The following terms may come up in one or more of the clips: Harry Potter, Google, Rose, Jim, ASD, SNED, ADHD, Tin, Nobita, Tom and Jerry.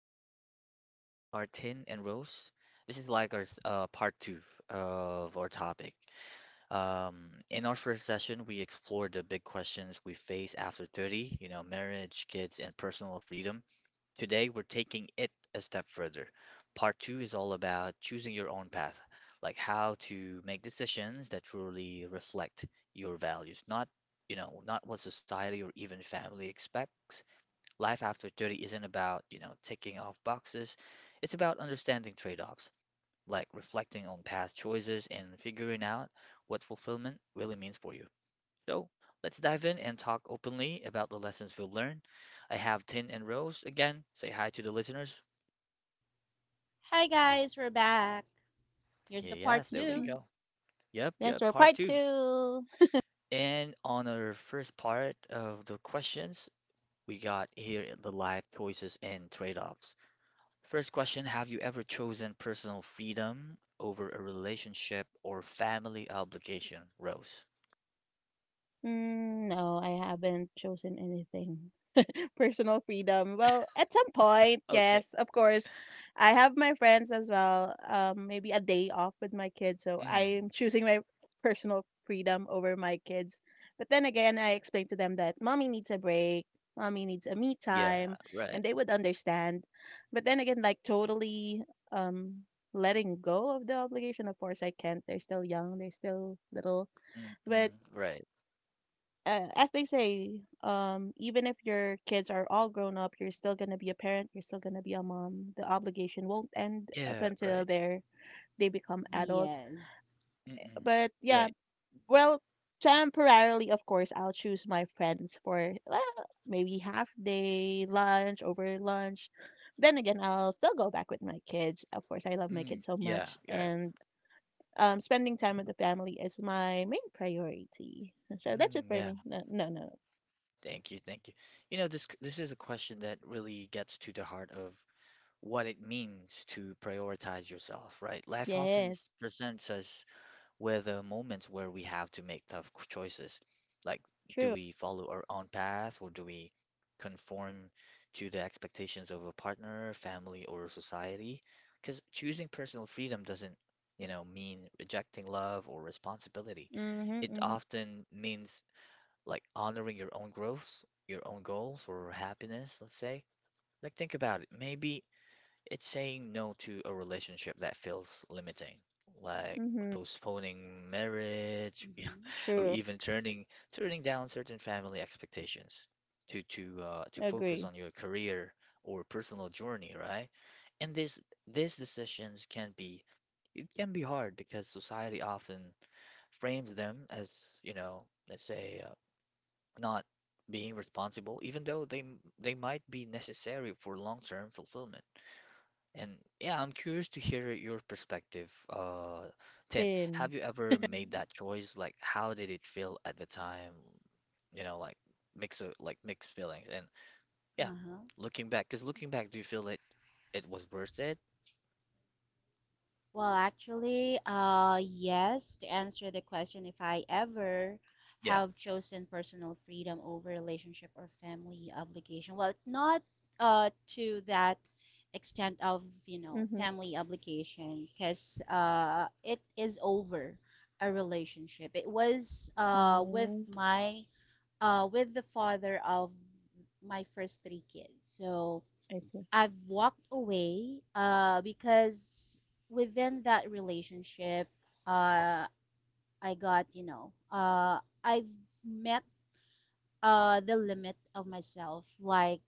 and joining me again are Tin and Rose. This is like our part two of our topic. In our first session, we explored the big questions we face after 30, marriage, kids, and personal freedom. Today, we're taking it a step further. Part two is all about choosing your own path, like how to make decisions that truly reflect your values, not you know, not what society or even family expects. Life after 30 isn't about ticking off boxes. It's about understanding trade-offs, like reflecting on past choices and figuring out what fulfillment really means for you. So, let's dive in and talk openly about the lessons we've learned. I have Tin and Rose again. Say hi to the listeners. Hi guys, we're back. Here's the part Yes, there we 2. go. Yep, That's yep, for part part two. two. And on our first part of the questions, we got here the life choices and trade-offs. First question, have you ever chosen personal freedom over a relationship or family obligation, Rose? No, I haven't chosen anything. Personal freedom? Well, at some point, Okay. yes, of course. I have my friends as well. Maybe a day off with my kids, so Mm, I'm choosing my personal freedom over my kids. But then again, I explained to them that mommy needs a break, mommy needs a me yeah, time, right. and they would understand. But then again, like totally um letting go of the obligation, of course I can't. They're still young, they're still little. But Mm-mm, right. As they say, even if your kids are all grown up, you're still gonna be a parent. You're still gonna be a mom. The obligation won't end up Yeah, until right. They become adults. Yes. Mm-mm, But yeah, right. well, temporarily, of course, I'll choose my friends for maybe half day lunch over lunch. Then again, I'll still go back with my kids. Of course, I love my kids Mm, so yeah, much, yeah. and spending time with the family is my main priority. So that's it Mm, for yeah. me. No, no, no. Thank you, thank you. You know, this is a question that really gets to the heart of what it means to prioritize yourself, right? Life often Yes. Presents us were the moments where we have to make tough choices. Like, do True. we follow our own path or do we conform to the expectations of a partner, family, or society? Because choosing personal freedom doesn't, mean rejecting love or responsibility. Mhm. It Mhm. often means like honoring your own growth, your own goals, or happiness, let's say. Like, think about it. Maybe it's saying no to a relationship that feels limiting, like Mhm. postponing marriage, Mm-hmm. or True. even turning down certain family expectations to focus Agree. on your career or personal journey, right? And this these decisions can be hard because society often frames them as, let's say not being responsible, even though they might be necessary for long-term fulfillment. And yeah, I'm curious to hear your perspective. Tin, have Ten. you ever made Hmm. that choice? Like, how did it feel at the time? You know, like mix of like mixed feelings. And yeah, Uh-huh. looking back, do you feel it was worth it? Well, actually, yes, to answer the question, if I ever Yeah. have chosen personal freedom over relationship or family obligation, well, not to that extent of, Mhm. family obligation, because it is over a relationship. It was Mm. With the father of my first 3 kids. So I see. I've walked away because within that relationship, uh, I got, I've met the limit of myself, like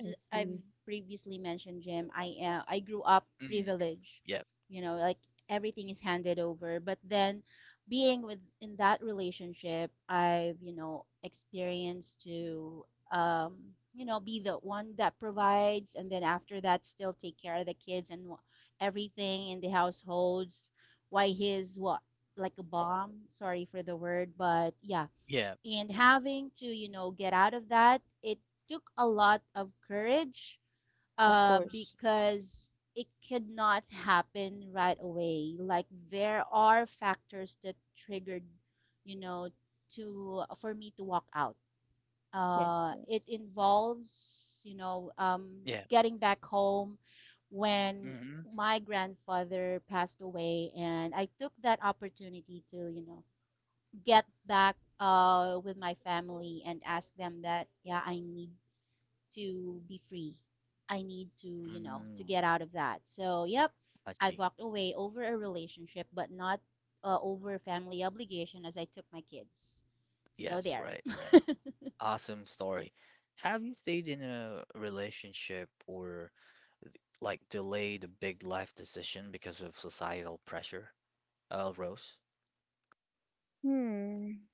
I I've see. previously mentioned, Jim, I grew up Mm, privileged, yeah. Like everything is handed over, but then being with in that relationship, I've, experienced to, um be the one that provides, and then after that still take care of the kids and everything in the households, why he's what, like a bomb, sorry for the word, but yeah. Yeah. And having to, get out of that, it took a lot of courage, Of course. because it could not happen right away. Like, there are factors that triggered, you know to for me to walk out. Yes. It Yes. involves, Yeah. getting back home when Mm-hmm. my grandfather passed away, and I took that opportunity to, get back with my family and ask them that, yeah, I need to be free. I need to Mm, get out of that. So, yep, I I've see. walked away over a relationship, but not over family obligation, as I took my kids. So, Yes, there. right, right. Awesome story. Have you stayed in a relationship or like delayed a big life decision because of societal pressure? Rose. Hmm.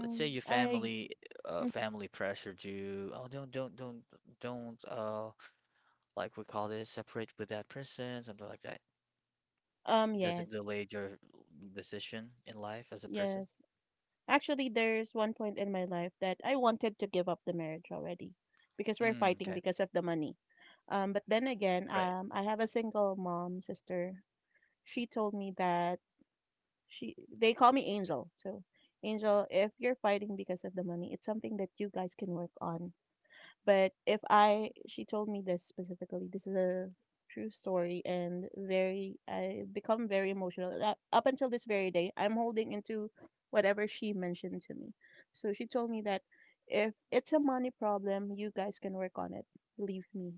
Let's say your I. family pressured you. Oh, don't like we call this separate with that person, something like that. Does it Yes. delay your decision in life as a person? Yes. Actually, there's one point in my life that I wanted to give up the marriage already, because we're Mm, fighting okay. because of the money. But then again, Right. I have a single mom sister. She told me that she they call me Angel. So, Angel, if you're fighting because of the money, it's something that you guys can work on. But if I, she told me this specifically. This is a true story and very, I become very emotional. And up until this very day, I'm holding into whatever she mentioned to me. So she told me that if it's a money problem, you guys can work on it. Believe me.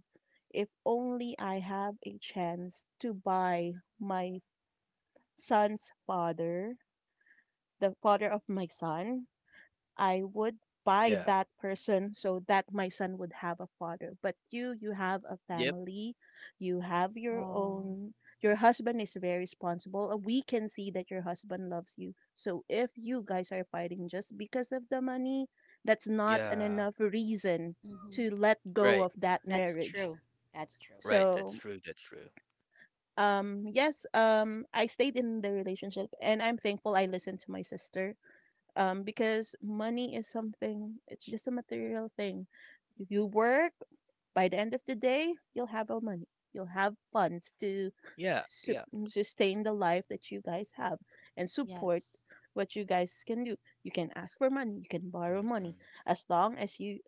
If only I have a chance to buy my son's father the father of my son, I would buy Yeah. that person so that my son would have a father. But you have a Yep. family, you have your Oh. own. Your husband is very responsible. We can see that your husband loves you. So if you guys are fighting just because of the money, that's not an Yeah. enough reason Hmm. to let go Right. of that That's marriage. true. That's true. Right. That's So true. That's true. Yes, I stayed in the relationship, and I'm thankful I listened to my sister. Because money is something, it's just a material thing. If you work, by the end of the day, you'll have a money. You'll have funds to Yeah. su- Yeah. sustain the life that you guys have and support Yes. what you guys can do. You can ask for money, you can borrow money. Mm-mm. As long as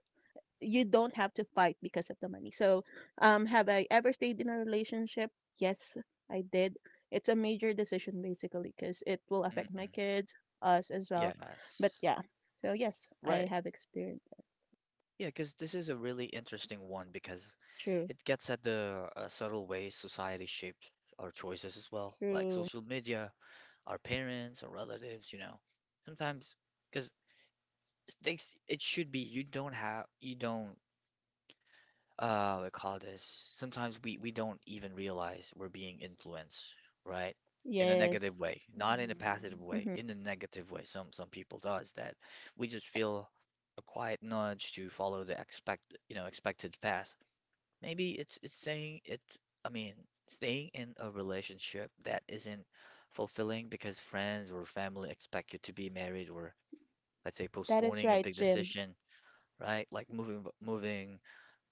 you don't have to fight because of the money. So, have I ever stayed in a relationship? Yes, I did. It's a major decision basically because it will affect my Mm-mm. kids, us as well. But Yes. yeah, so yes, I Right. have experienced that. Yeah, because this is a really interesting one because True, it gets at the subtle ways society shapes our choices as well, like true. social media, our parents, our relatives, you know. Sometimes, because they, it should be you don't have, you don't, we call this. Sometimes we don't even realize we're being influenced, right? In a negative Yes, way, not in a Hmm. passive way, mm-hmm. in a negative way. Some people does that. We just feel a quiet nudge to follow the expected path. Maybe it's I mean, staying in a relationship that isn't fulfilling because friends or family expect you to be married or let's say That is postponing a right, big Jim. decision, right? Like moving,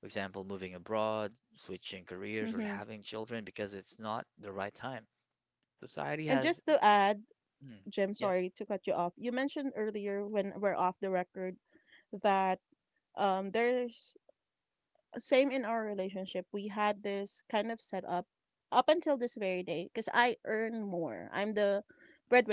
for example, moving abroad, switching careers or Mm-hmm. having children because it's not the right time. Society And has, just to add, mm, Jim, yep, sorry to cut you off. You mentioned earlier when we're off the record that there's same in our relationship. We had this kind of setup up until this very day because I earn more. I'm the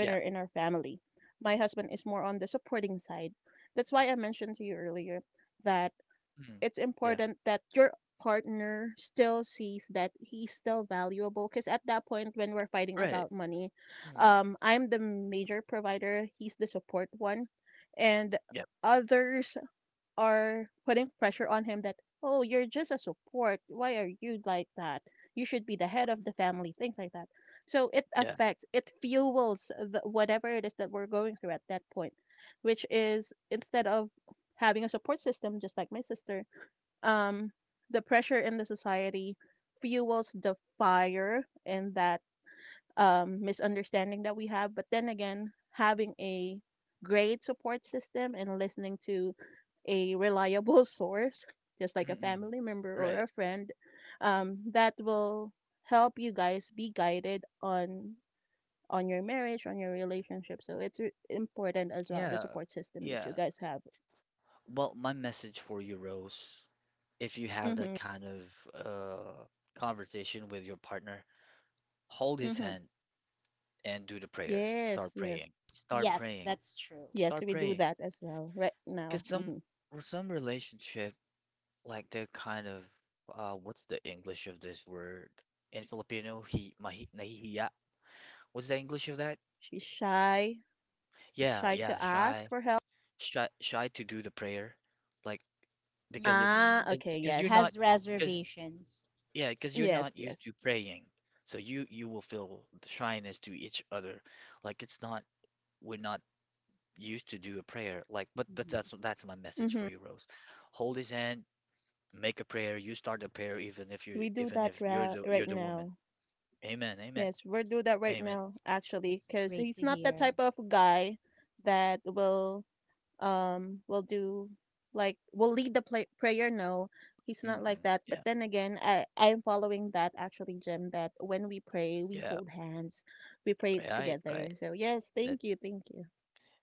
yeah, in our family. My husband is more on the supporting side. That's why I mentioned to you earlier that mm, it's yeah, important that your partner still sees that he's still valuable because at that point when we're fighting right. about money, Mm, I'm the major provider, he's the support one, and yep, others are putting pressure on him that, oh, you're just a support. Why are you like that? You should be the head of the family, things like that. So yeah, it fuels the, whatever it is that we're going through at that point, which is instead of having a support system, just like my sister, um, the pressure in the society fuels the fire in that misunderstanding that we have. But then again, having a great support system and listening to a reliable source, just mm, like a mm, family member or right. a friend, that will help you guys be guided on your marriage, on your relationship. So it's important as well the Yeah. support system that you Yeah. guys have. Well, my message for you, Rose, if you have Mm-hmm. that kind of conversation with your partner, hold his Mm-hmm. hand and do the prayer. Yes, Start yes, praying. Start Yes, praying. that's true. yes. Start We do praying. that as well right now. Because some Mm-hmm. for some relationship, like they're kind of what's the English of this word in Filipino? He mahi nahihiya. What's the English of that? She's shy, Yeah, shy yeah, to ask shy, for help. shy, shy to do the prayer, like, because it's, Ah, Mm. okay. because you're Yes. not, Has because reservations. yeah, because you're not Yes, used yes. to praying. So you will feel the shyness to each other. Like, it's not, we're not used to do a prayer. Like but Hmm. that's my message for Mhm. you, Rose. Hold his hand, make a prayer, you start a prayer even if you're We do even that if you're ra the you're right the woman. now. Amen, amen, Yes, we are do that right amen. now. Actually, That's because great he's to not the hear. type of guy that will do like will lead the play prayer. No, he's not like Mm-mm. that. Yeah, But then again, I'm following that actually, Jim, that when we pray, we yeah, hold hands, we pray right, right. together. So yes, That thank you, thank you.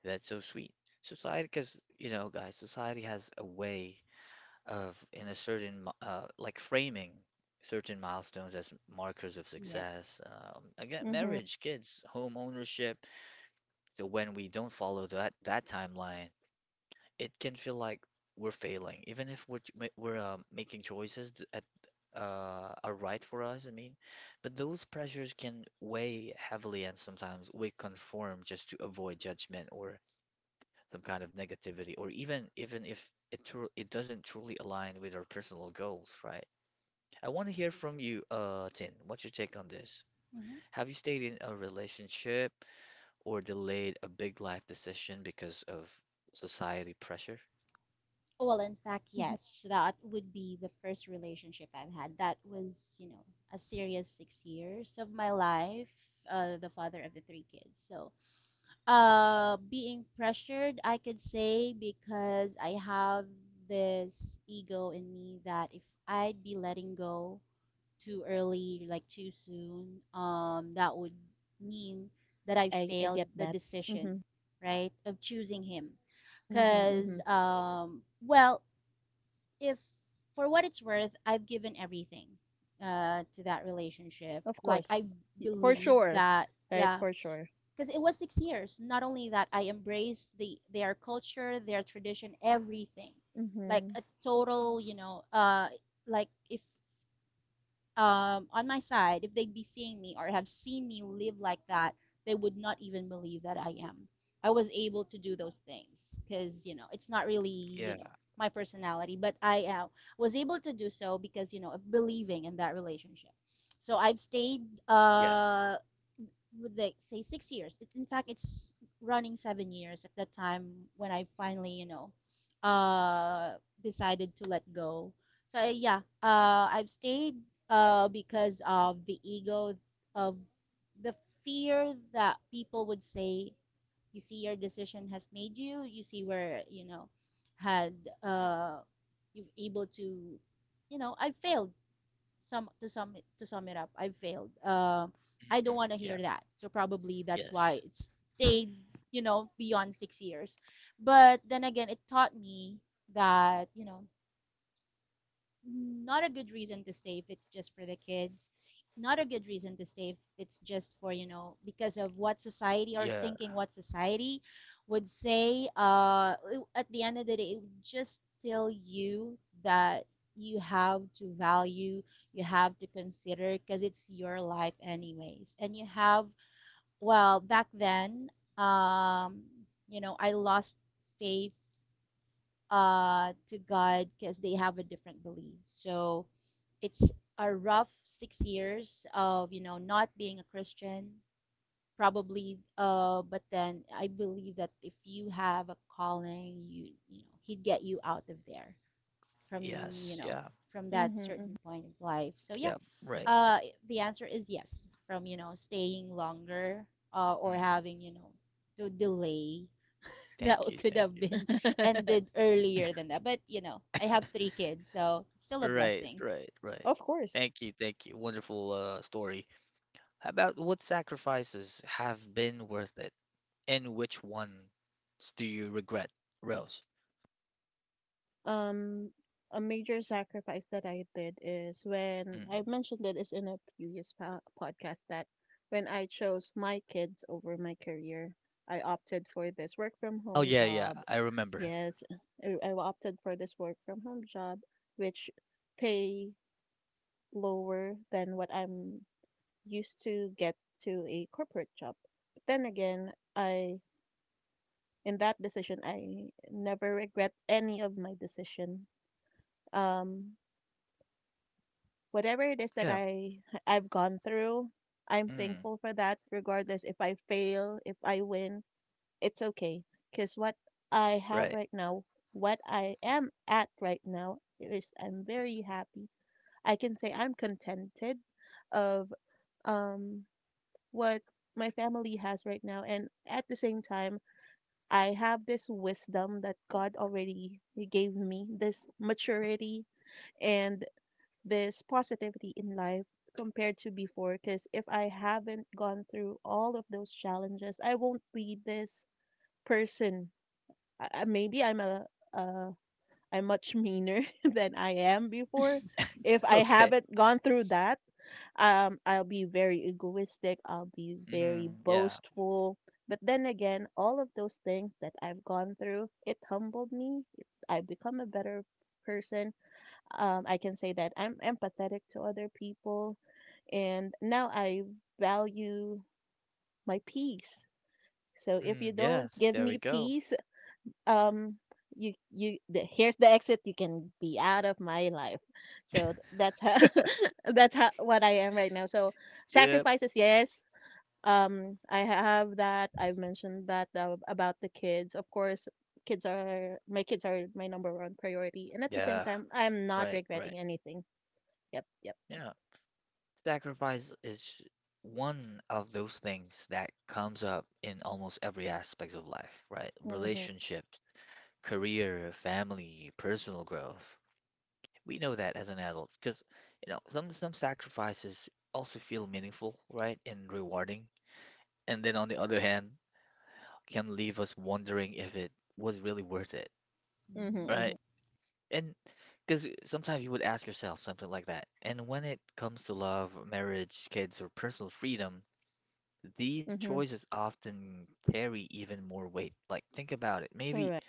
that's so sweet. Society, because, guys, society has a way of in a certain like framing certain milestones as markers of success. Yes. Again, Mhm. marriage, kids, home ownership. So when we don't follow that timeline, it can feel like we're failing, even if we're making choices th- at are right for us. I mean, but those pressures can weigh heavily, and sometimes we conform just to avoid judgment or some kind of negativity, or even if it doesn't truly align with our personal goals, right? I want to hear from you, Tin. What's your take on this? Hmm. Have you stayed in a relationship or delayed a big life decision because of society pressure? Well, in fact, Mhm. yes, that would be the first relationship I've had. That was, a serious 6 years of my life, the father of the 3 kids. So, being pressured, I could say, because I have this ego in me that if I'd be letting go too early, like too soon, that would mean that I I failed get the that. decision, Mhm. right, of choosing him. Mhm. Because, Mhm. Well, if for what it's worth, I've given everything to that relationship. Of Like, course. I For believe sure. that, Right, yeah, for sure. because it was 6 years. Not only that, I embraced their culture, their tradition, everything, like Mm-hmm. a total, like if on my side, if they'd be seeing me or have seen me live like that, they would not even believe that I am. I was able to do those things because, it's not really, Yeah, my personality, but I, was able to do so because, of believing in that relationship. So I've stayed, yeah, would they say 6 years? In fact, it's running 7 years at that time when I finally, uh, decided to let go. So yeah, I've stayed because of the ego of the fear that people would say, you see, your decision has made you. You see where, had uh, you've able to, I failed, sum to sum it up, I failed. I don't mm, want to yeah, hear that. So probably that's why yes, it stayed, beyond 6 years. But then again, it taught me that, not a good reason to stay if it's just for the kids. Not a good reason to stay if it's just for, because of what society, or yeah, thinking what society would say. At the end of the day, it would just tell you that you have to value, you have to consider, because it's your life, anyways. And you have, well, back then, um, I lost faith to God because they have a different belief. So it's a rough 6 years of, not being a Christian probably, but then I believe that if you have a calling, he'd get you out of there from you yes, know yeah, from that Mm-hmm. certain point of life. So yeah, yeah, right. uh the answer is yes, from, staying longer, or Mm-mm. having, to delay that Thank you, could thank have you. been Hmm. ended earlier than that, but, I have 3 kids, so it's still a Right, blessing. right, right. Of course. Thank you, thank you. Wonderful story. How about what sacrifices have been worth it, and which ones do you regret, Rose? Um, a major sacrifice that I did is when I Mm-mm. mentioned it is in a previous po podcast that when I chose my kids over my career, I opted for this work from Oh home yeah, yeah, job. I remember. Yes, I opted for this work from home job, which pay lower than what I'm used to get to a corporate job. Then again, I in that decision I never regret any of my decision. um whatever it is that Yeah. I've gone through, I'm Mm, thankful for that regardless if I fail if I win, it's okay because what I have right. right now, what I am at right now is I'm very happy. I can say I'm contented of um what my family has right now, and at the same time I have this wisdom that God already gave me, this maturity and this positivity in life compared to before. Because if I haven't gone through all of those challenges, I won't be this person. Maybe I'm a, uh, I'm much meaner than I am before. If I Okay. haven't gone through that, I'll be very egoistic, I'll be very Mm, yeah. boastful. But then again, all of those things that I've gone through, it humbled me. I've become a better person. I can say that I'm empathetic to other people, and now I value my peace. So if you Mm, don't yes. give There me we go. peace, um here's the exit, you can be out of my life. So that's how that's how what I am right now. So Yep. sacrifices, yes, I have that I've mentioned that about the kids. Of course, kids are my number one priority, and at the same Yeah. time I'm not Right. Right. regretting anything. Yep, yep. Yeah. Sacrifice is one of those things that comes up in almost every aspect of life, right? Mhm. Relationships, career, family, personal growth. We know that as an adult because, some sacrifices also feel meaningful, right, and rewarding. And then on the other hand, can leave us wondering if it was really worth it, Mhm. Mhm, right? Mhm. And because sometimes you would ask yourself something like that. And when it comes to love, marriage, kids, or personal freedom, these Mhm. choices often carry even more weight. Like, think about it. Maybe, Correct.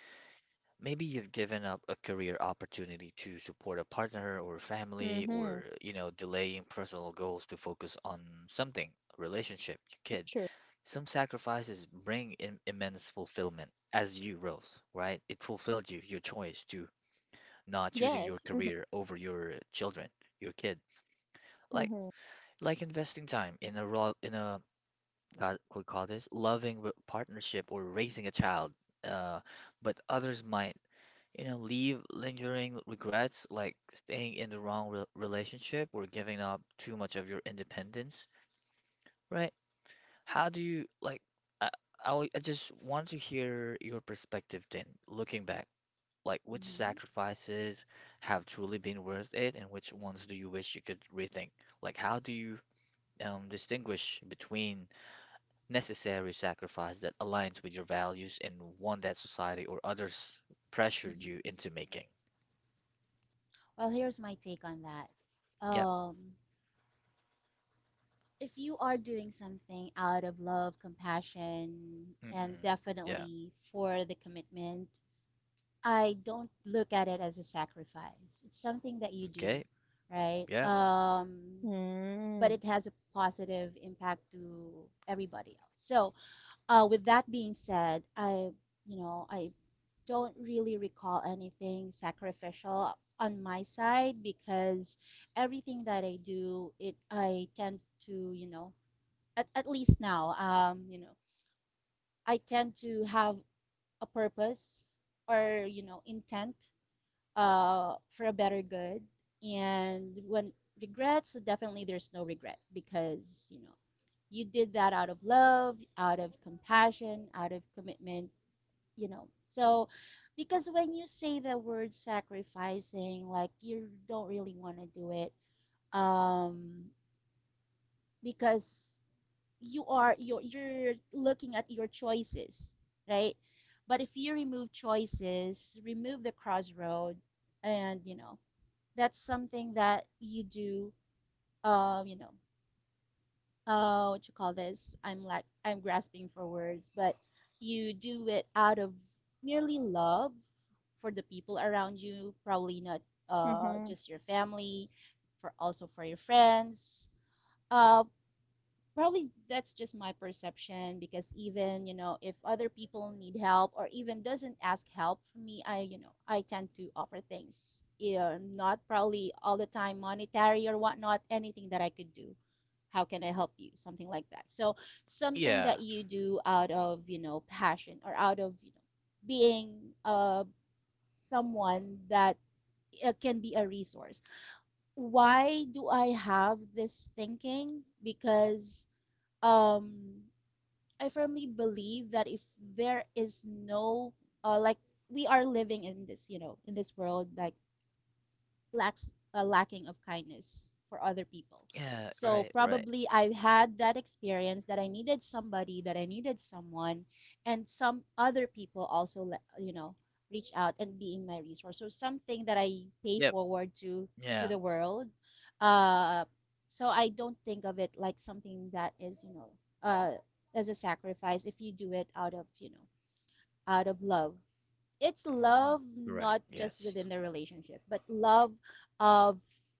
maybe you've given up a career opportunity to support a partner or family, Mhm. or, delaying personal goals to focus on something, a relationship, your kid. True. Some sacrifices bring im immense fulfillment. As you, Rose, right? It fulfilled you, your choice to not choosing your Yes. career over your children, your kid. Like Mhm. like investing time in a what we call this loving partnership or raising a child. Uh, but others might, leave lingering regrets like staying in the wrong re relationship or giving up too much of your independence, right? How do you like? I I just want to hear your perspective then, looking back. Like which mhm, sacrifices have truly been worth it, and which ones do you wish you could rethink? Like, how do you distinguish between necessary sacrifice that aligns with your values and one that society or others pressured mhm. you into making? Well, here's my take on that. Yep. Um, if you are doing something out of love, compassion, and Mm-mm. Yeah. definitely for the commitment, I don't look at it as a sacrifice. It's something that you do, Okay. right? Yep. But Mhm. it has a positive impact to everybody else. So, with that being said, I don't really recall anything sacrificial on my side, because everything that I do, it I tend to, at least now, I tend to have a purpose or, intent for a better good. And when regrets, so definitely there's no regret because, you did that out of love, out of compassion, out of commitment. So, because when you say the word sacrificing, like you don't really want to do it, um, because you're looking at your choices, right? But if you remove choices, remove the crossroad, and, that's something that you do. Uh, you know, what you call this? I'm like, I'm grasping for words, but you do it out of merely love for the people around you, probably not Mhm. just your family, for also for your friends. Uh, Probably that's just my perception, because even, if other people need help or even doesn't ask help from me, I you know I tend to offer things, yeah, not probably all the time monetary or whatnot, anything that I could do, how can I help you, something like that. So something Yeah. that you do out of, passion or out of, being uh someone that it can be a resource. Why do I have this thinking? Because um, I firmly believe that if there is no, like we are living in this world, like lacks a lacking of kindness for other people. Yeah. So Right. Right. probably I had that experience that I needed somebody, that I needed someone, and some other people also, you know, reach out and being my resource. So something that I pay Yep. forward to Yeah. the world. Uh, so I don't think of it like something that is, uh, as a sacrifice. If you do it out of love, it's Mm-mm. love Correct. not just Yes. within the relationship, but love, of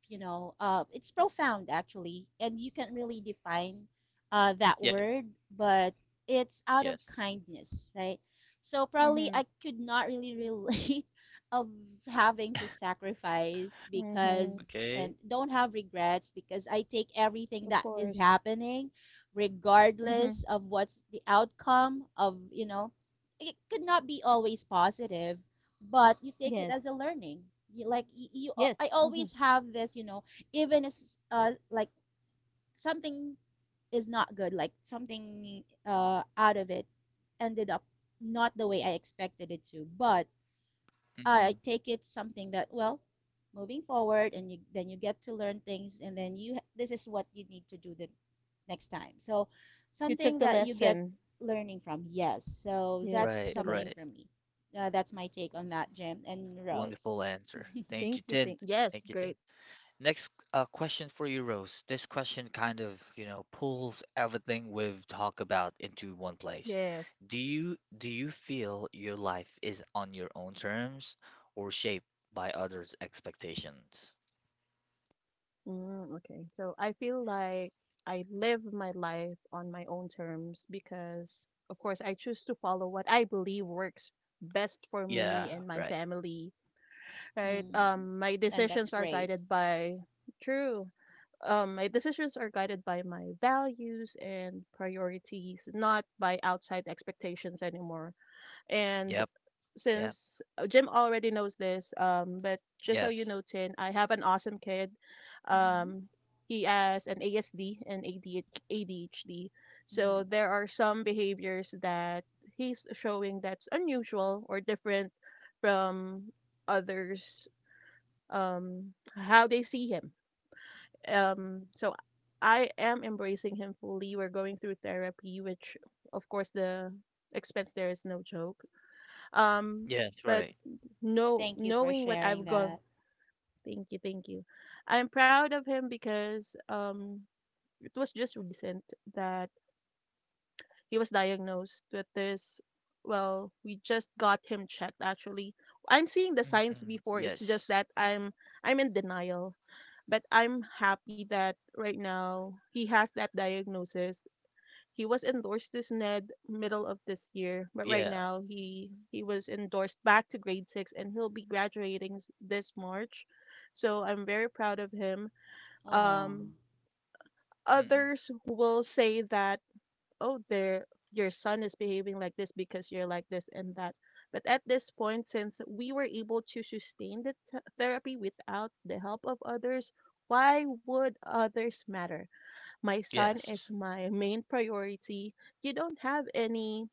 you know it's profound actually, and you can't really define that Yeah. word, but it's out of Yes. kindness, right? So probably Mhm. I could not really relate of having to sacrifice, Mhm. because Okay. and don't have regrets, because I take everything Of that is course. happening Mm-hmm. regardless of what's the outcome of, it could not be always positive, but you take it as a Yes. learning. You, like you, Yes. I Mm-hmm. always have this, even as like something is not good, like something, out of it ended up not the way I expected it to, but I Mm-mm. take it something that, well, moving forward, and then you get to learn things, and then you this is what you need to do the next time. So You took something the that you get lesson. learning from. Yes, so that's Yes, Right, the something lesson. right. for me. That's my take on that, Jim and Rose. Wonderful answer. Thank you, Thank you. Tin. Thank. Yes, Thank you, great. Tin. Next question for you, Rose. This question kind of, pulls everything we've talked about into one place. Yes. Do you feel your life is on your own terms or shaped by others' expectations? Okay. So I feel like I live my life on my own terms because, of course, I choose to follow what I believe works best for Yeah, me and my right. family, right? Mm, My and that's decisions are great. guided by true. My decisions are guided by my values and priorities, not by outside expectations anymore. And Yep. Yep. since Jim already knows this, but just so you Yes. know, Tin, I have an awesome kid. Mm-hmm. Um, he has an ASD and ADHD. Mm-hmm. So there are some behaviors that he's showing that's unusual or different from others, um, how they see him. So I am embracing him fully. We're going through therapy, which of course the expense there is no joke. Um Yes, but right. no Thank you for knowing what sharing I've gone. that. Thank you, thank you. I'm proud of him because it was just recent that he was diagnosed with this. Well, we just got him checked actually. I'm seeing the signs Mm-mm. before, it's just Yes. that I'm in denial. But I'm happy that right now he has that diagnosis. He was endorsed to SNED middle of this year, but right Yeah. now he was endorsed back to grade 6, and he'll be graduating this March. So I'm very proud of him. Oh, Um Mm-mm. others will say that oh, there! Your son is behaving like this because you're like this and that. But at this point, since we were able to sustain the therapy without the help of others, why would others matter? My son Yes. is my main priority. You don't have any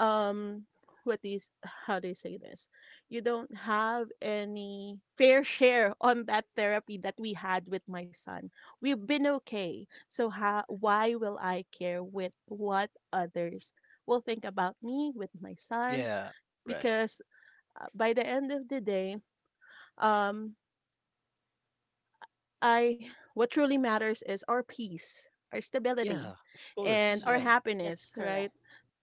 um what is how do you say this, you don't have any fair share on that therapy that we had with my son. We've been okay, so how, why will I care with what others will think about me with my son, Yeah. Right. because by the end of the day, um I what truly matters is our peace, our stability, Yeah, of and course. our Yeah. mm-hmm. That's happiness, right? correct.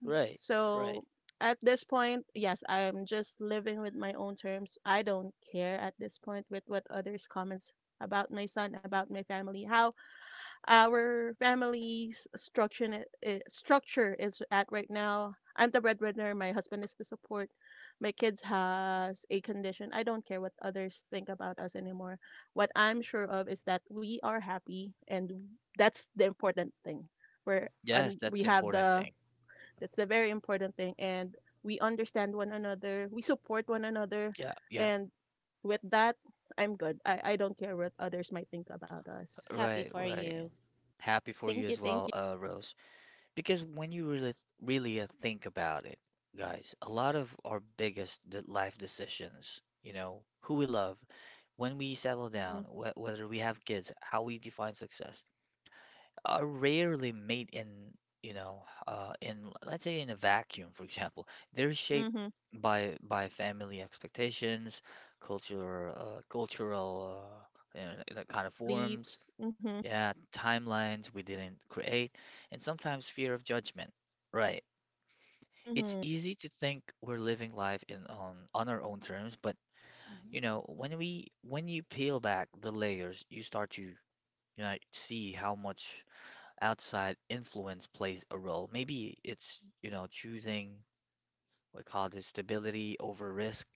Right. So Right. at this point, yes, I'm just living with my own terms. I don't care at this point with what others comments about my son, about my family, how our family's structure n- eh, structure is at right now. I'm the breadwinner. My husband is to support. My kids has a condition. I don't care what others think about us anymore. What I'm sure of is that we are happy, and that's the important thing. We're Yes, and that's we the have important the thing. that's the very important thing. And we understand one another, we support one another. Yeah, yeah, And with that, I'm good. I don't care what others might think about us. Happy right, for right. you. Happy for you Thank you, as thank well, you. Rose. Because when you really, really think about it, guys, a lot of our biggest life decisions, who we love, when we settle Mm-hmm. down, wh whether we have kids, how we define success, are rarely made in let's say in a vacuum, for example. They're shaped Mm-hmm. by family expectations, cultural, that kind of forms, Beliefs. Mm-hmm. yeah, timelines we didn't create, and sometimes fear of judgment. Right. Mm-hmm. It's easy to think we're living life in on our own terms, but Mm-hmm. When you peel back the layers, you start to see how much outside influence plays a role. Maybe it's, choosing what we call this stability over risk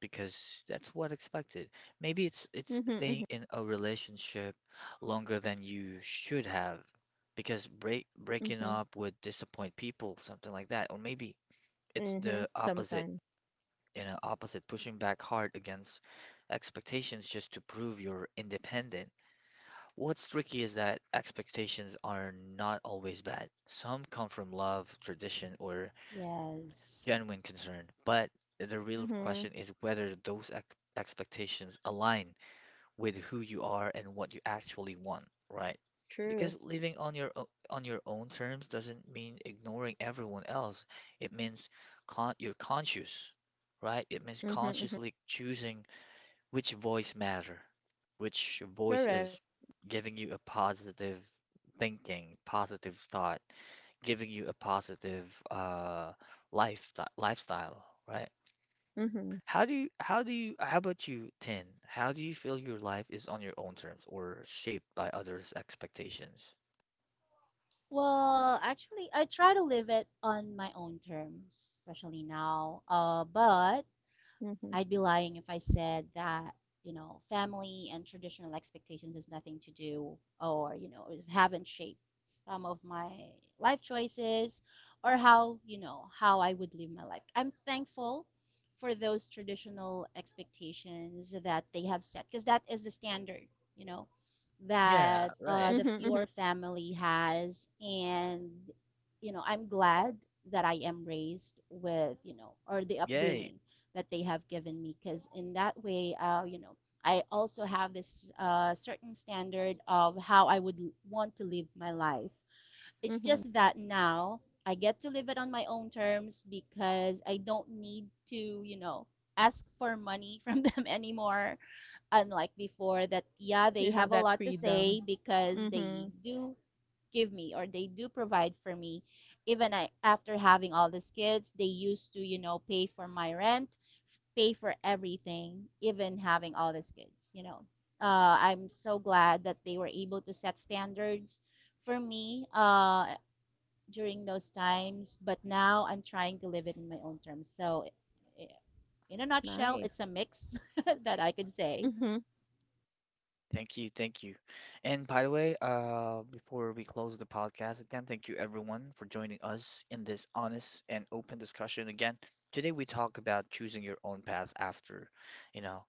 because that's what expected. Maybe it's Mm-hmm. Mm-hmm. staying in a relationship longer than you should have because breaking Mm-hmm. up would disappoint people, something like that. Or maybe it's Mm-hmm. the opposite, Sometimes. you know, opposite pushing back hard against expectations just to prove you're independent. What's tricky is that expectations are not always bad. Some come from love, tradition, or Yes. genuine concern, but the real Mm-hmm. question is whether those ex expectations align with who you are and what you actually want, right? True. Because living on your own terms doesn't mean ignoring everyone else. It means con you're conscious, right? It means Mm-hmm. Mm-hmm. consciously choosing which voice matter which voice Correct. is giving you a positive thinking, positive thought, giving you a positive uh lifestyle, right? Mm-hmm. How about you, Tin? How do you feel your life is on your own terms or shaped by others' expectations? Well, actually, I try to live it on my own terms, especially now. But Mm-hmm. I'd be lying if I said that, family and traditional expectations has nothing to do, or, haven't shaped some of my life choices or how you know how I would live my life. I'm thankful for those traditional expectations that they have set, because that is the standard, you know Yeah, that right. Mm-hmm. the Mm-hmm. your family has, and, I'm glad that I am raised with, you know or the Yay. upbringing that they have given me, because in that way, I also have this, certain standard of how I would want to live my life. It's Mm-hmm. just that now I get to live it on my own terms, because I don't need to, ask for money from them anymore, unlike before that, yeah, they You have have a that lot to say freedom. because they Mm-hmm. do give me or they do provide for me, even I, after having all these kids they used to, pay for my rent, pay for everything, even having all these kids. I'm so glad that they were able to set standards for me during those times. But now I'm trying to live it in my own terms. So, in a nutshell, it's a Nice. mix that I could say. Mm-hmm. Thank you, thank you. And by the way, before we close the podcast again, thank you everyone for joining us in this honest and open discussion again. Today we talk about choosing your own path after, you know,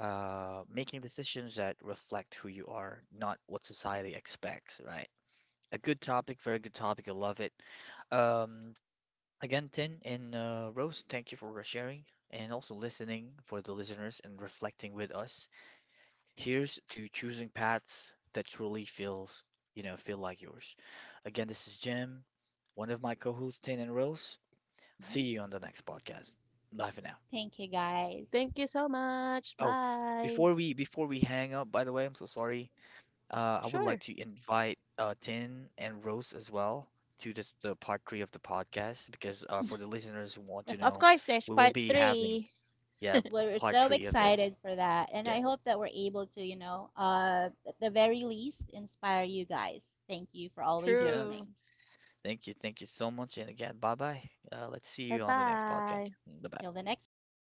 making decisions that reflect who you are, not what society expects, right? A good topic, very good topic. I love it. Um, Again, Tin and Rose, thank you for sharing and also listening for the listeners and reflecting with us. Here's to choosing paths that truly feels, feel like yours. Again, this is Jim, one of my co-hosts, Tin and Rose. See Hmm. you on the next podcast. Bye for now. Thank you, guys. Thank you so much. Oh, Bye. before we hang up, by the way, I'm so sorry. I would like Sure. to invite Tin and Rose as well to the part three of the podcast because for the listeners who want to Of know, course, there's we will part be having, three. yeah, We're part so three of this. excited for that, and I Okay. hope that we're able to, at the very least, inspire you guys. Thank you for always Yes. True. listening. Thank you. Thank you so much. And again, bye bye. Let's see Bye you on the next podcast. bye. Bye bye. Till the next episode.